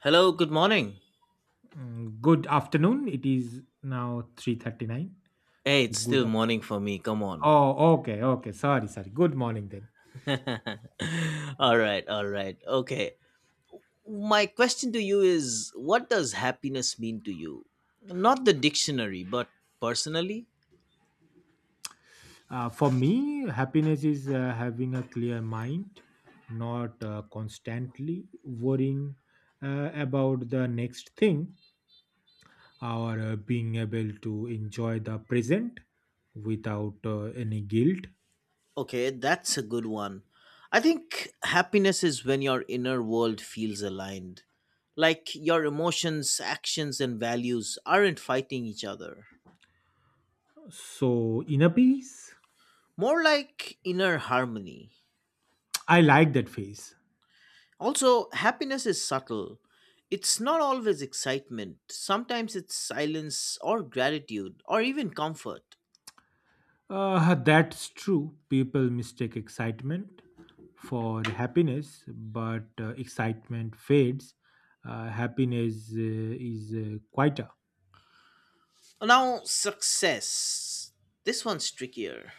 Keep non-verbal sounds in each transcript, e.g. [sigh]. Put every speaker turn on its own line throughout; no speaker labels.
Hello, good morning.
Mm, Good afternoon. It is now 3:39.
Hey,
So
it's
good
still
afternoon.
morning for me. Come on.
Oh, okay, okay. Sorry, sorry. Good morning then.
[laughs] All right, all right. Okay. My question to you is, what does happiness mean to you? Not the dictionary, but personally?
For me, happiness is having a clear mind, not constantly worrying about the next thing, or being able to enjoy the present without any guilt.
Okay, that's a good one. I think happiness is when your inner world feels aligned, like your emotions, actions, and values aren't fighting each other.
So, inner peace.
More like inner harmony.
I like that phase.
Also, happiness is subtle. It's not always excitement. Sometimes it's silence or gratitude or even comfort.
That's true. People mistake excitement for happiness, but excitement fades. Happiness is quieter.
Now, success. This one's trickier.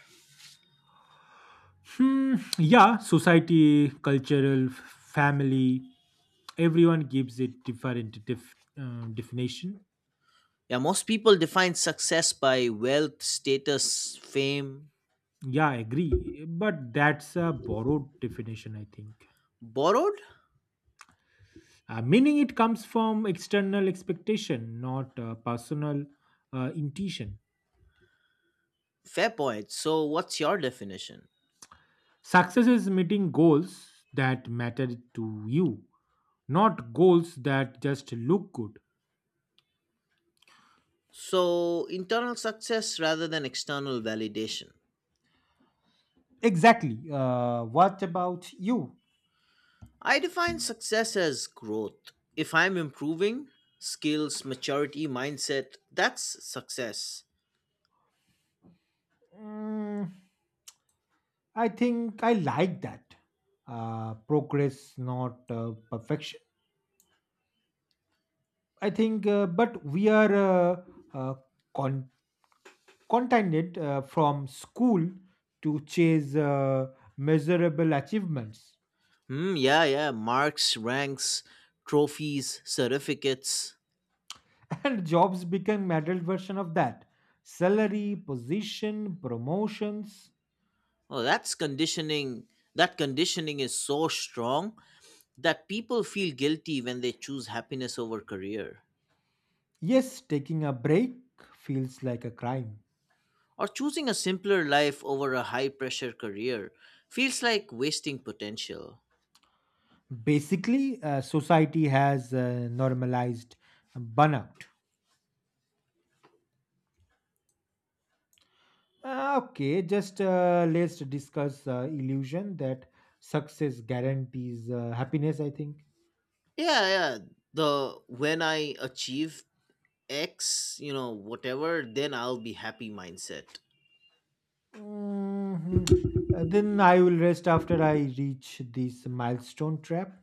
Hmm, yeah, society, cultural, family, everyone gives it different definition.
Yeah, most people define success by wealth, status, fame.
Yeah, I agree. But that's a borrowed definition, I think.
Borrowed?
Meaning it comes from external expectation, not personal intuition.
Fair point. So, what's your definition?
Success is meeting goals that matter to you, not goals that just look good.
So, internal success rather than external validation.
Exactly. What about you?
I define success as growth. If I'm improving skills, maturity, mindset, that's success.
Mm, I think I like that. Progress, not perfection. I think, but we are uh, con- contented from school to chase measurable achievements.
Hmm, yeah, yeah. Marks, ranks, trophies, certificates.
And jobs became adult version of that, salary, position, promotions.
Oh, that's conditioning. That conditioning is so strong that people feel guilty when they choose happiness over career.
Yes, taking a break feels like a crime.
Or choosing a simpler life over a high pressure career feels like wasting potential.
Basically, society has normalized burnout. Okay, just let's discuss illusion that success guarantees happiness, I think.
Yeah, yeah. The "when I achieve X, you know, whatever, then I'll be happy" mindset.
Mhm. Then I will rest after I reach this milestone trap.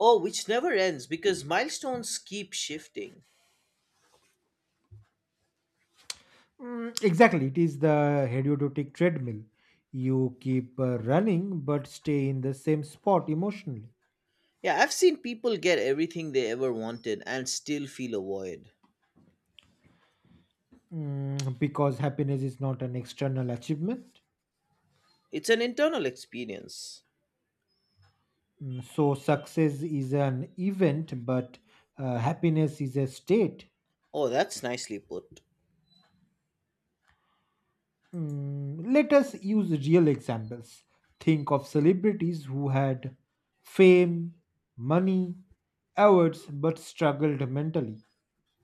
Oh, which never ends because milestones keep shifting.
Mm, exactly, it is the hedonistic treadmill. You keep running but stay in the same spot emotionally.
Yeah, I've seen people get everything they ever wanted and still feel a void.
Mm, because happiness is not an external achievement.
It's an internal experience.
Mm, so, success is an event, but happiness is a state.
Oh, that's nicely put.
Mm, let us use real examples. Think of celebrities who had fame, money, awards, but struggled mentally.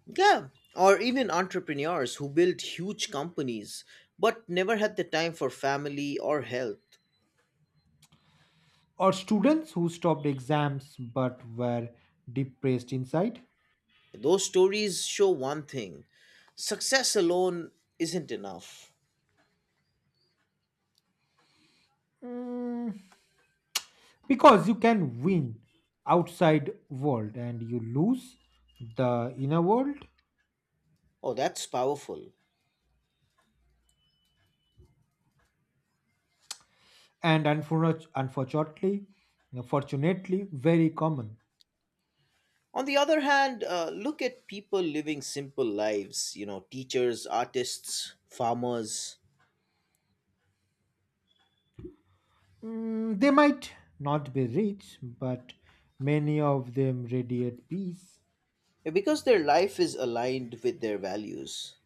Yeah, or even entrepreneurs who built huge companies but never had the time for family or health.
Or students who stopped exams but were depressed inside?
Those stories show one thing: success alone isn't enough.
Mm, because you can win outside world and you lose the inner world.
Oh, that's powerful.
And unfortunately, fortunately very common.
On the other hand, look at people living simple lives, you know, teachers, artists, farmers,
Mm, they might not be rich but many of them radiate peace.
because their life is aligned with their values.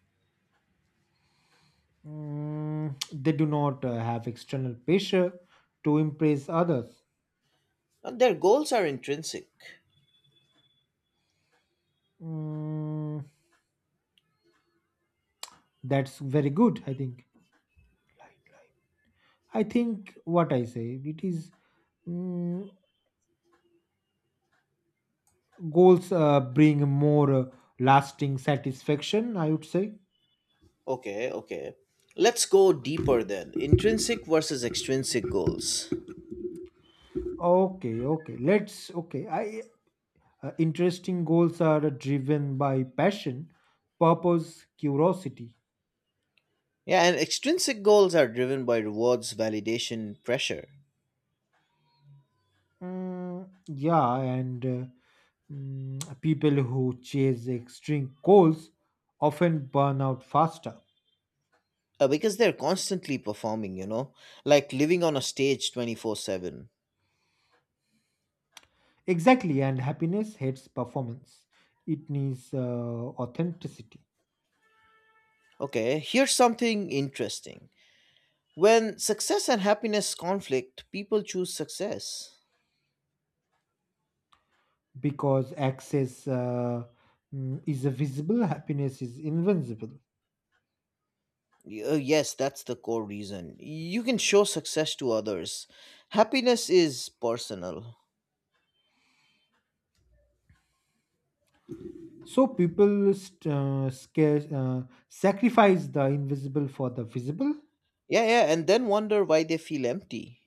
Mm, they do not have external pressure to impress others.
And their goals are intrinsic.
Mm, that's very good, I think. I think what I say it is, mm, goals bring more lasting satisfaction, I would say.
Okay, okay. Let's go deeper then. Intrinsic versus extrinsic goals.
Okay, okay. Let's Okay. I Interesting goals are driven by passion, purpose, curiosity.
Yeah, and extrinsic goals are driven by rewards, validation, pressure.
Mm, yeah, and people who chase extreme goals often burn out faster.
Because they're constantly performing, you know, like living on a stage 24/7.
Exactly, and happiness hates performance. It needs authenticity.
Okay, here's something interesting. When success and happiness conflict, people choose success.
Because access is a visible, happiness is invincible.
Yes, that's the core reason. You can show success to others. Happiness is personal.
So people sacrifice the invisible for the visible.
Yeah, yeah, and then wonder why they feel empty.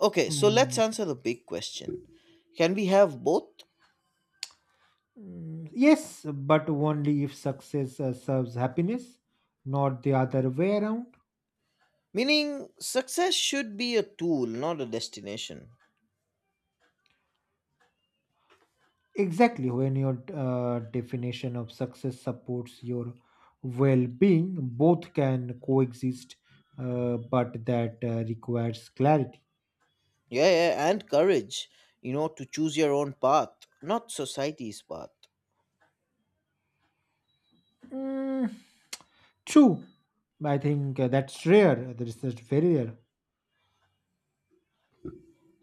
Okay, so let's
Mm,
answer the big question. Can we have both?
mm, yes, but only if success serves happiness, not the other way around.
Meaning, success should be a tool, not a destination.
Exactly, when your definition of success supports your well being, both can coexist, but that requires clarity.
Yeah, yeah, and courage, you know, to choose your own path, not society's path.
Mm, true, I think that's rare, that is just very rare.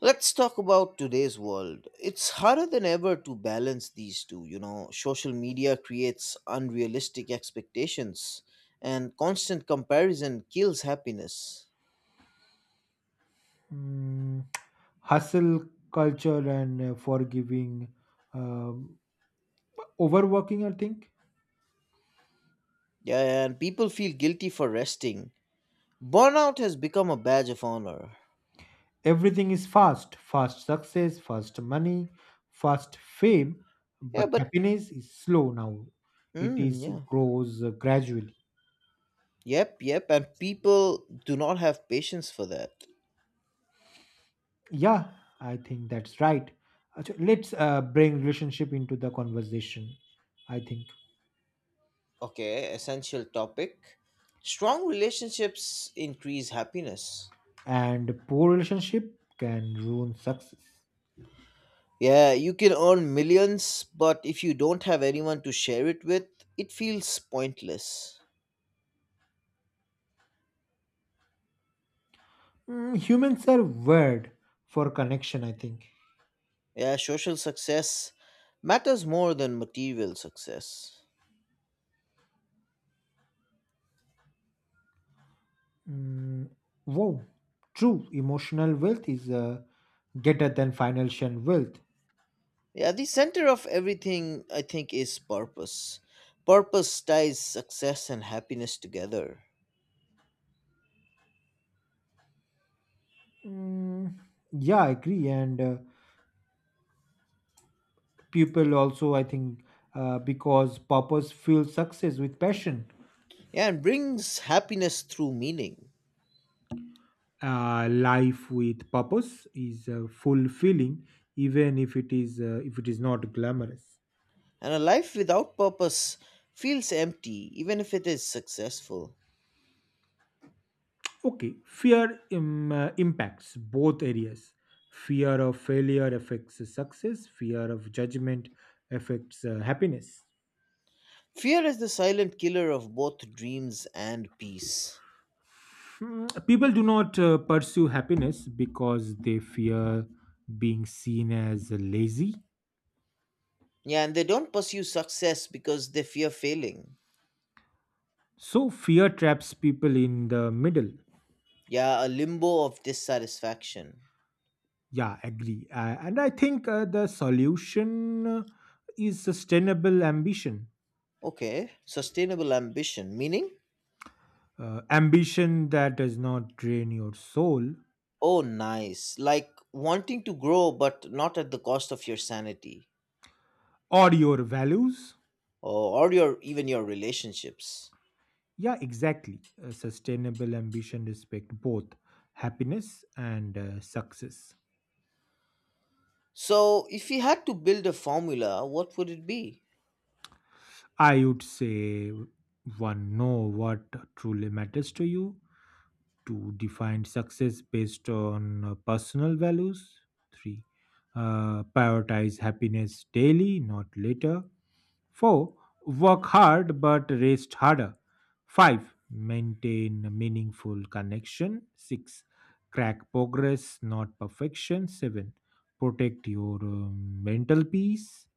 Let's talk about today's world. It's harder than ever to balance these two. You know, social media creates unrealistic expectations, and constant comparison kills happiness.
Mm, hustle culture and forgiving, um overworking, I think.
Yeah, and people feel guilty for resting. Burnout has become a badge of honor.
Everything is fast success, fast money, fast fame,
Yeah,
but
but,
happiness is slow now. It
mm,
is
yeah.
grows gradually.
Yep, yep, and people do not have patience for that.
Yeah, I think that's right. Achha, let's bring relationship into the conversation, I think.
Okay, essential topic. Strong relationships increase happiness.
And poor relationship can ruin success.
Yeah, you can earn millions, but if you don't have anyone to share it with, it feels pointless.
Mm, humans are wired for connection, I think.
Yeah, social success matters more than material success.
Mm, wow, true. Emotional wealth is greater than financial wealth.
Yeah, the center of everything, I think, is purpose. Purpose ties success and happiness together.
Mm, yeah, I agree. And people also, I think, because purpose fuels success with passion.
Yeah, and brings happiness through meaning.
Life with purpose is fulfilling, even if it is not glamorous.
And a life without purpose feels empty, even if it is successful.
Okay, fear impacts both areas. Fear of failure affects success. Fear of judgment affects happiness.
Fear is the silent killer of both dreams and peace.
Hmm, people do not pursue happiness because they fear being seen as lazy.
Yeah, and they don't pursue success because they fear failing.
So fear traps people in the middle.
Yeah, a limbo of dissatisfaction.
Yeah, agree. And I think the solution is sustainable ambition.
Okay, sustainable ambition, meaning?
Ambition that does not drain your soul
Oh, nice. Like wanting to grow, but not at the cost of your sanity
or your values.
or your even your relationships.
Yeah, exactly. Sustainable ambition respect both happiness and success.
So, if you had to build a formula, what would it be?
I would say, one, know what truly matters to you. Two, define success based on personal values. Three, prioritize happiness daily, not later. Four, work hard but rest harder. Five, maintain a meaningful connection. Six, crack progress, not perfection. Seven, protect your mental peace.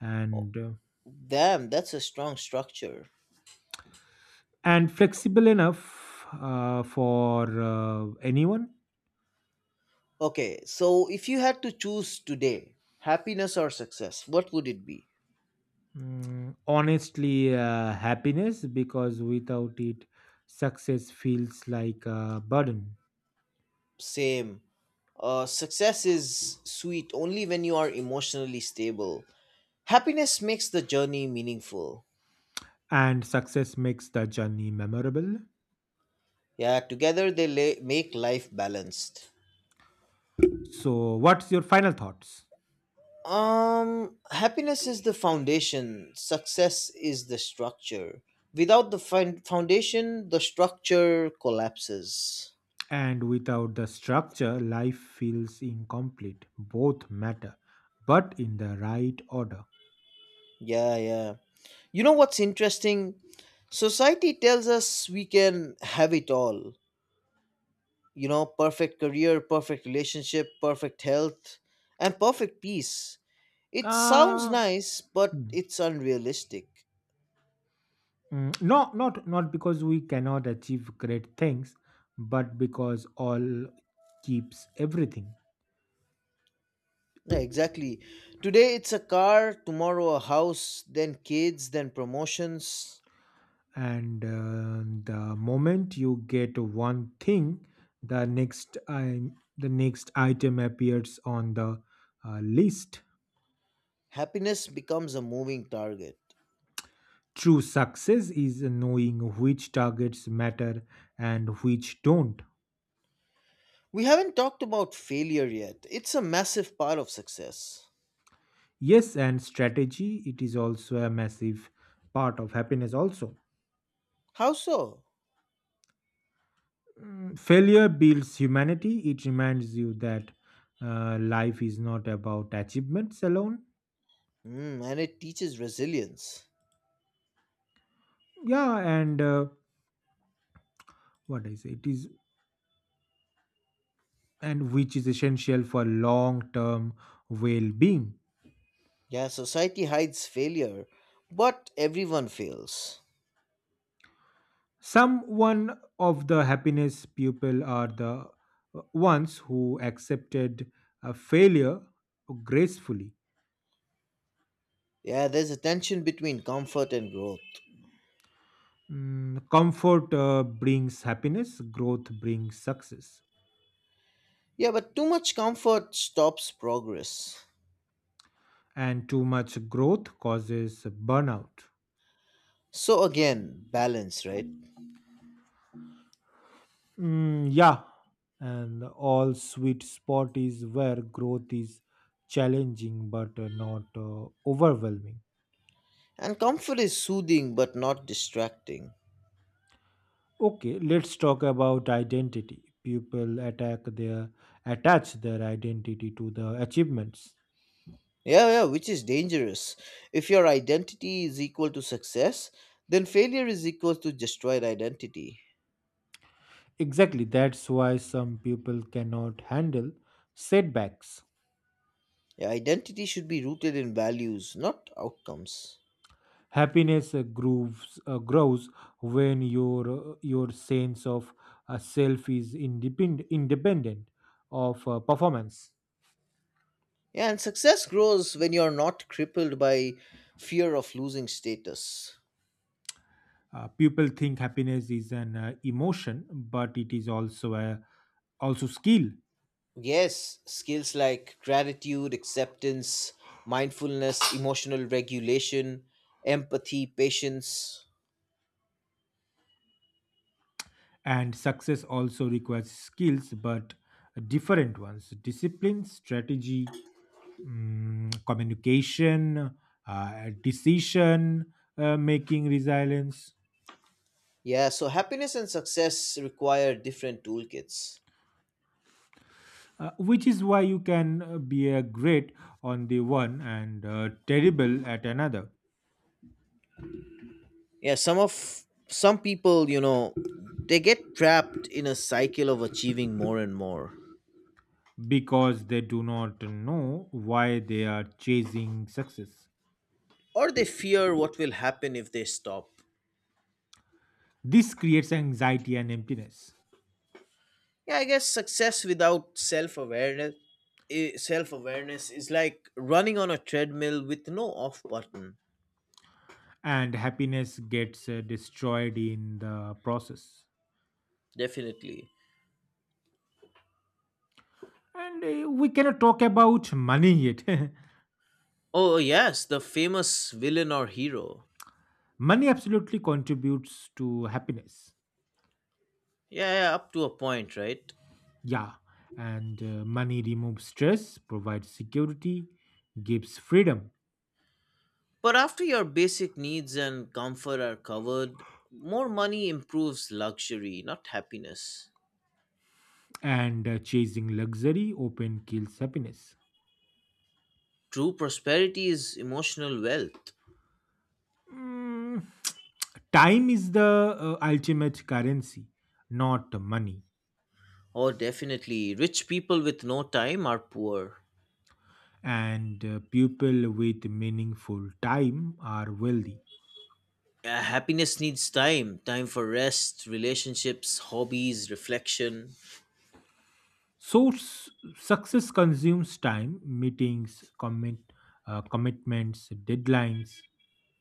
And uh,
Damn, that's a strong structure.
and flexible enough for anyone.
Okay, so if you had to choose today, happiness or success, what would it be?
Mm, honestly, happiness because without it, success feels like a burden,
Same. Success is sweet only when you are emotionally stable. Happiness makes the journey meaningful.
and success makes the journey memorable.
Yeah, together they make life balanced.
So, what's your final thoughts?
Happiness is the foundation, success is the structure. Without the foundation, the structure collapses.
And without the structure, life feels incomplete. Both matter, but in the right order.
Yeah, yeah. You know what's interesting? Society tells us we can have it all, you know, perfect career, perfect relationship, perfect health, and perfect peace. It sounds
Uh,
nice, but it's unrealistic.
No, not because we cannot achieve great things, but because all keeps everything.
Yeah, exactly. Today it's a car, tomorrow a house, then kids, then promotions.
And the moment you get one thing, the next i the next item appears on the list.
Happiness becomes a moving target.
True success is knowing which targets matter and which don't.
We haven't talked about failure yet. It's a massive part of success.
Yes, and strategy it is also a massive part of happiness also.
How so?
Mm, failure builds humanity. It reminds you that life is not about achievements alone.
Hmm, and it teaches resilience.
Yeah, and what I say, it is, and which is essential for long term well being.
Yeah, society hides failure, but everyone fails.
Someone of the happiness people are the ones who accepted a failure gracefully.
Yeah, there's a tension between comfort and growth.
Mm, comfort brings happiness, growth brings success,
Yeah, but too much comfort stops progress.
and too much growth causes burnout.
So again, balance, right?
Mm, yeah, and all sweet spot is where growth is challenging but not overwhelming.
And comfort is soothing but not distracting.
Okay, let's talk about identity. People attack their attach their identity to the achievements.
Yeah, yeah, which is dangerous. If your identity is equal to success, then failure is equal to destroyed identity.
Exactly, that's why some people cannot handle setbacks.
Yeah, identity should be rooted in values, not outcomes.
Happiness grows when your your sense of self is independent of performance.
Yeah, and success grows when you're not crippled by fear of losing status.
People think happiness is an emotion, but it is also a also skill.
Yes, skills like gratitude, acceptance, mindfulness, emotional regulation, empathy, patience.
And success also requires skills, but different ones: discipline, strategy, communication, decision making, resilience.
Yeah, so happiness and success require different toolkits.
Which is why you can be a great on the one and terrible at another.
Yeah, some people, you know, they get trapped in a cycle of achieving more and more,
Because they do not know why they are chasing success.
or they fear what will happen if they stop.
This creates anxiety and emptiness,
Yeah, I guess success without self-awareness, self-awareness is like running on a treadmill with no off button.
and happiness gets destroyed in the process.
Definitely.
And we cannot talk about money yet. [laughs]
Oh, yes, the famous villain or hero.
Money absolutely contributes to happiness.
Yeah, yeah, up to a point, right?
Yeah, and money removes stress, provides security, gives freedom,
But after your basic needs and comfort are covered, more money improves luxury, not happiness.
and chasing luxury often kills happiness.
True prosperity is emotional wealth.
Mm, [tsk] time is the ultimate currency, not money.
Oh, definitely. Rich people with no time are poor.
And people with meaningful time are wealthy.
Happiness needs time for rest, relationships, hobbies, reflection.
So, success consumes time, meetings, commitments, deadlines.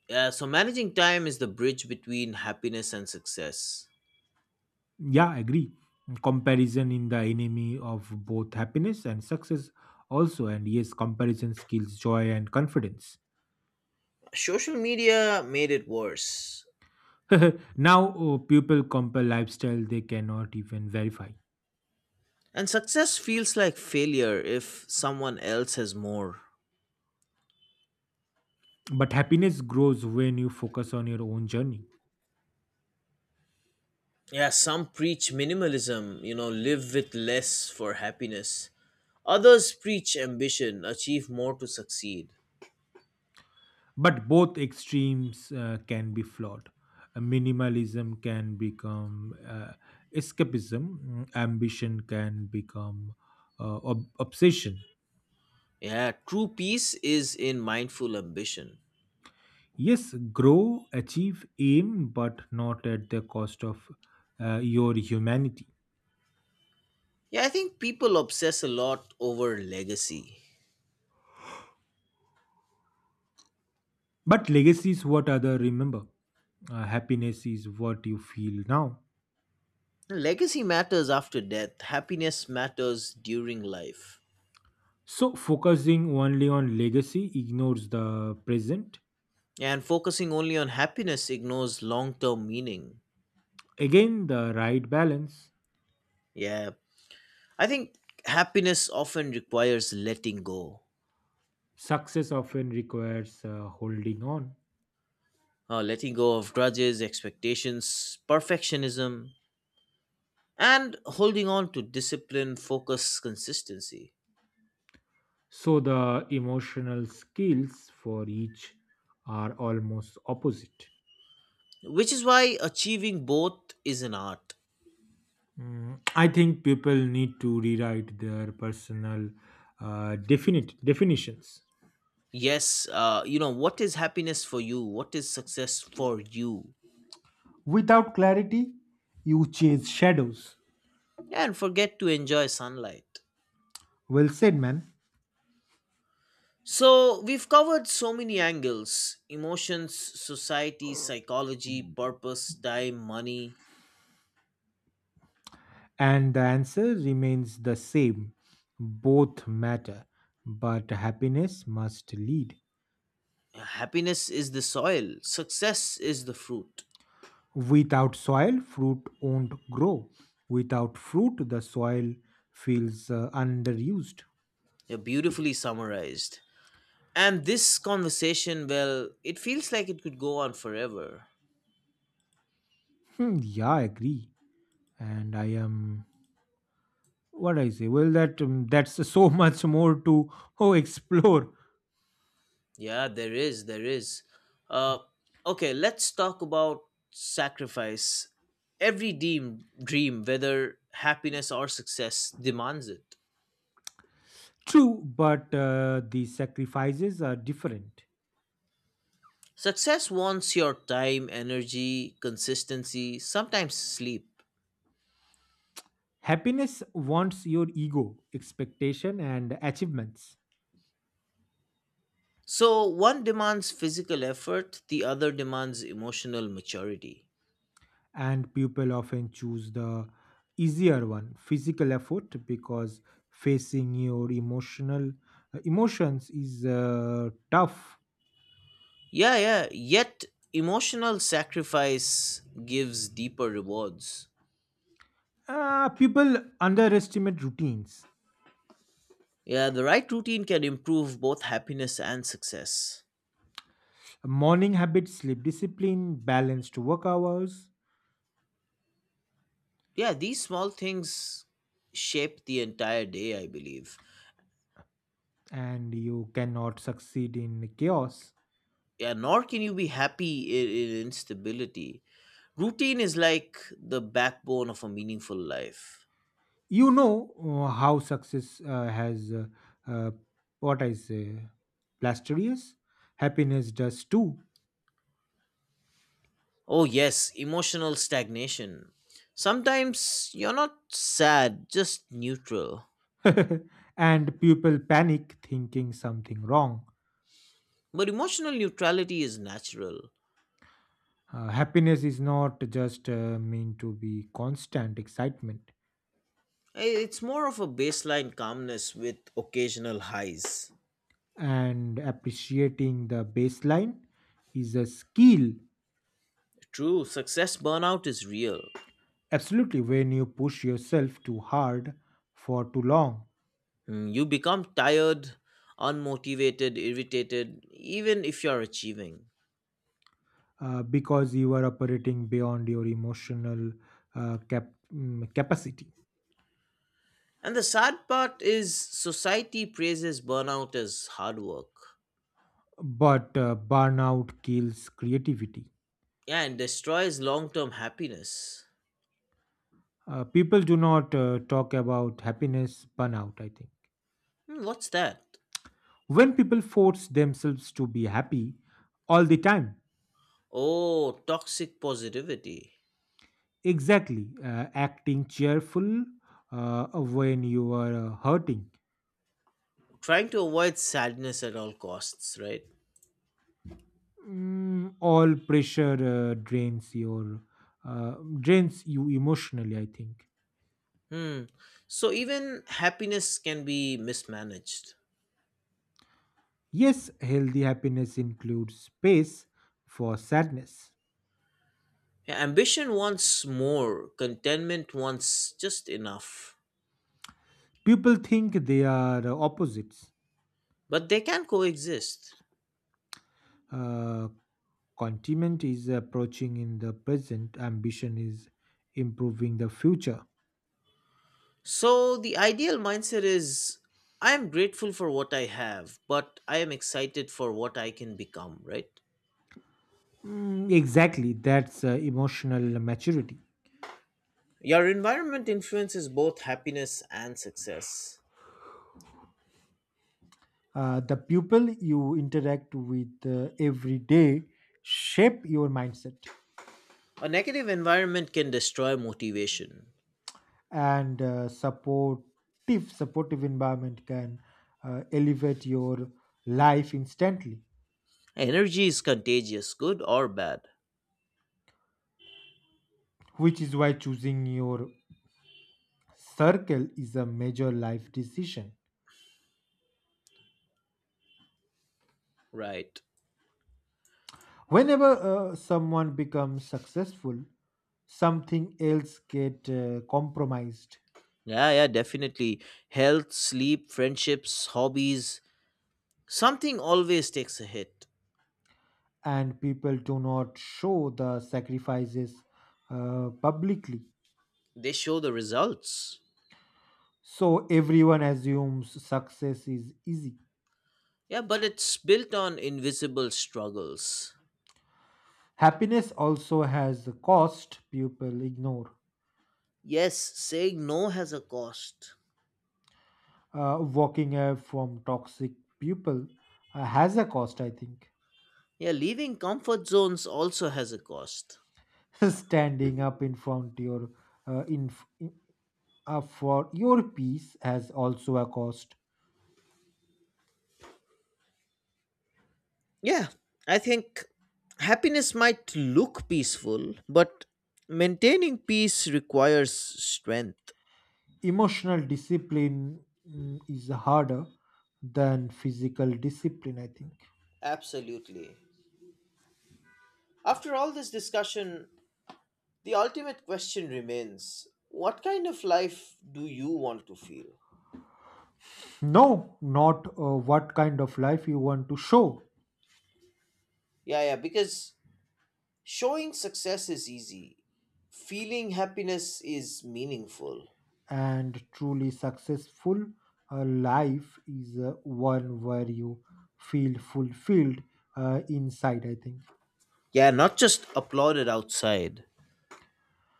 Yeah, so managing time is the bridge between happiness and success.
Yeah, agree. Comparison in the enemy of both happiness and success, also. And yes, comparison kills joy and confidence.
Social media made it worse.
[laughs] Now, people compare lifestyle they cannot even verify.
And success feels like failure if someone else has more.
But happiness grows when you focus on your own journey.
Yeah, some preach minimalism, you know, live with less for happiness. Others preach ambition, achieve more to succeed.
But both extremes can be flawed. Minimalism can become uh, escapism. Ambition can become obsession.
Yeah, true peace is in mindful ambition.
Yes, grow, achieve, aim, but not at the cost of your humanity.
Yeah, I think people obsess a lot over legacy.
But legacy is what others remember, happiness is what you feel now.
Legacy matters after death, happiness matters during life.
So focusing only on legacy ignores the present.
Yeah, and focusing only on happiness ignores long term meaning.
Again, the right balance.
Yeah, I think happiness often requires letting go.
Success often requires holding on.
Letting go of grudges, expectations, perfectionism, and holding on to discipline, focus, consistency.
So the emotional skills for each are almost opposite.
Which is why achieving both is an art.
Mm, I think people need to rewrite their personal definite definitions.
Yes, you know, what is happiness for you? What is success for you?
Without clarity, you chase shadows.
And forget to enjoy sunlight.
Well said, man.
So, we've covered so many angles: emotions, society, psychology, purpose, time, money.
And the answer remains the same. Both matter, but happiness must lead.
Yeah, happiness is the soil, success is the fruit.
Without soil, fruit won't grow. Without fruit, the soil feels underused.
You're beautifully summarized. And this conversation, well, it feels like it could go on forever.
Hmm, yeah, I agree. And I am what I say. Well, that's so [laughs] much more to oh explore.
Yeah, there is. Uh, okay, let's talk about sacrifice. Every dream, whether happiness or success, demands it.
True, but the sacrifices are different.
Success wants your time, energy, consistency, sometimes sleep.
Happiness wants your ego, expectation, and achievements.
So one demands physical effort, the other demands emotional maturity.
And people often choose the easier one, physical effort, because facing your emotional emotions is tough.
Yeah, yeah, yet emotional sacrifice gives deeper rewards.
People underestimate routines.
Yeah, the right routine can improve both happiness and success.
Morning habits, sleep discipline, balanced work hours.
Yeah, these small things shape the entire day, I believe.
And you cannot succeed in chaos.
Yeah, nor can you be happy in instability. Routine is like the backbone of a meaningful life.
You know how success has uh, what I say, plasterous, happiness does too.
Oh, yes, emotional stagnation. Sometimes you're not sad, just neutral.
[laughs] And people panic thinking something wrong.
But emotional neutrality is natural.
Happiness is not just meant to be constant excitement,
It's more of a baseline calmness with occasional highs.
and appreciating the baseline is a skill.
True, success burnout is real.
Absolutely, when you push yourself too hard for too long,
Mm, you become tired, unmotivated, irritated, even if you're achieving.
because you are operating beyond your emotional capacity.
And the sad part is society praises burnout as hard work.
But burnout kills creativity.
Yeah, and destroys long term happiness.
People do not talk about happiness burnout, I think.
Hmm, what's that?
When people force themselves to be happy all the time.
Oh, toxic positivity.
Exactly, acting cheerful uh, when you are hurting.
Trying to avoid sadness at all costs, right?
Mm, all pressure uh, drains you emotionally, I think.
Hmm. So even happiness can be mismanaged.
Yes, healthy happiness includes space for sadness.
Yeah, ambition wants more, contentment wants just enough,
People think they are opposites.
but they can coexist.
uh, Continent is approaching in the present, ambition is improving the future.
So the ideal mindset is, I am grateful for what I have, but I am excited for what I can become, right?
Mm, exactly, that's emotional maturity.
Your environment influences both happiness and success.
The people you interact with every day shape your mindset.
A negative environment can destroy motivation.
And supportive environment can elevate your life instantly.
Energy is contagious, good or bad.
Which is why choosing your circle is a major life decision.
Right.
Whenever someone becomes successful, something else get compromised.
Yeah, yeah, definitely. Health, sleep, friendships, hobbies, something always takes a hit.
And people do not show the sacrifices publicly.
They show the results.
So everyone assumes success is easy.
Yeah, but it's built on invisible struggles.
Happiness also has a cost people ignore.
Yes, saying no has a cost.
Walking away from toxic people has a cost, I think.
Yeah, leaving comfort zones also has a cost.
[laughs] Standing up in front your in for your peace has also a cost.
Yeah, I think happiness might look peaceful, but maintaining peace requires strength.
Emotional discipline is harder than physical discipline, I think.
Absolutely. After all this discussion, the ultimate question remains, what kind of life do you want to feel?
No, not what kind of life you want to show.
Yeah, yeah, because showing success is easy, feeling happiness is meaningful.
And truly successful life is one where you feel fulfilled inside, I think.
Yeah, not just applauded outside.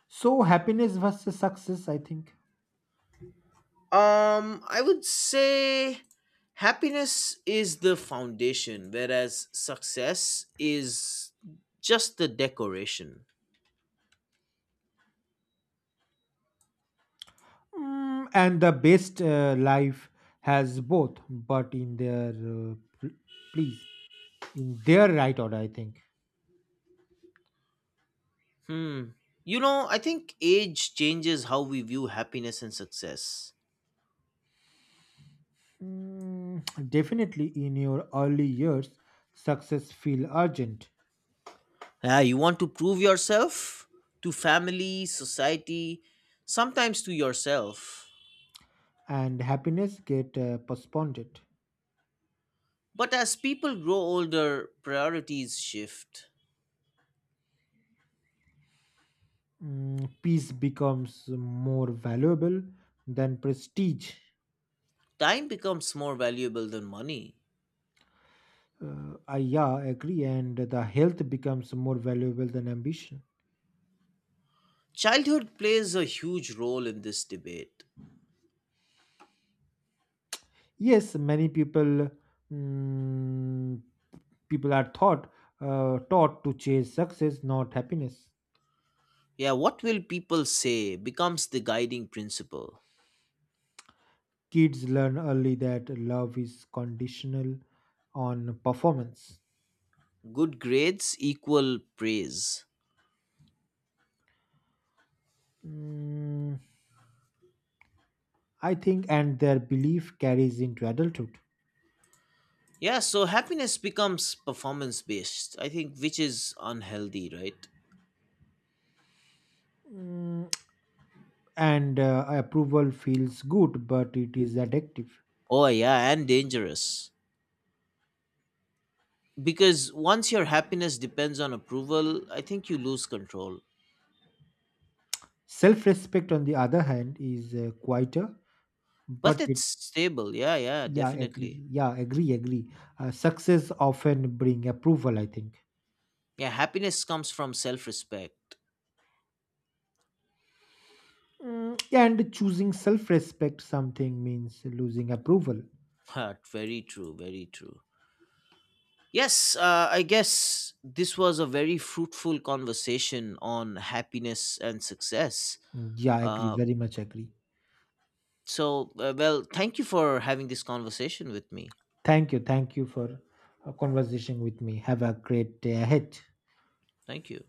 So, happiness versus success, I think.
I would say happiness is the foundation, whereas success is just the decoration.
Mm, and the best life has both, but in their please, in their right order, I think.
Hmm. You know, I think age changes how we view happiness and success.
Mm, definitely, in your early years, success feel urgent,
Yeah, you want to prove yourself to family, society, sometimes to yourself.
and happiness get postponed.
But as people grow older, priorities shift.
Mm, peace becomes more valuable than prestige.
Time becomes more valuable than money.
I Yeah, agree, and the health becomes more valuable than ambition.
Childhood plays a huge role in this debate.
Yes, many people, mm, are taught to chase success, not happiness.
Yeah, what will people say becomes the guiding principle.
Kids learn early that love is conditional on performance.
Good grades equal praise.
Mm, I think, and their belief carries into adulthood.
Yeah, so happiness becomes performance based, I think, which is unhealthy, right?
Mm, and approval feels good, but it is addictive.
Oh, yeah, and dangerous. Because once your happiness depends on approval, I think you lose control.
Self respect, on the other hand, is quieter,
But
but
it's
it.
stable, yeah, yeah,
Yeah,
definitely.
agree, yeah, agree, agree, success often bring approval, I think.
Yeah, happiness comes from self respect.
Mm, yeah, and choosing self-respect something means losing approval.
[laughs] Very true, very true. Yes, I guess this was a very fruitful conversation on happiness and success.
Mm, yeah, agree,
Uh,
very much agree.
so, well, thank you for having this conversation with me.
Thank you, thank you for conversation with me. Have a great day ahead.
Thank you.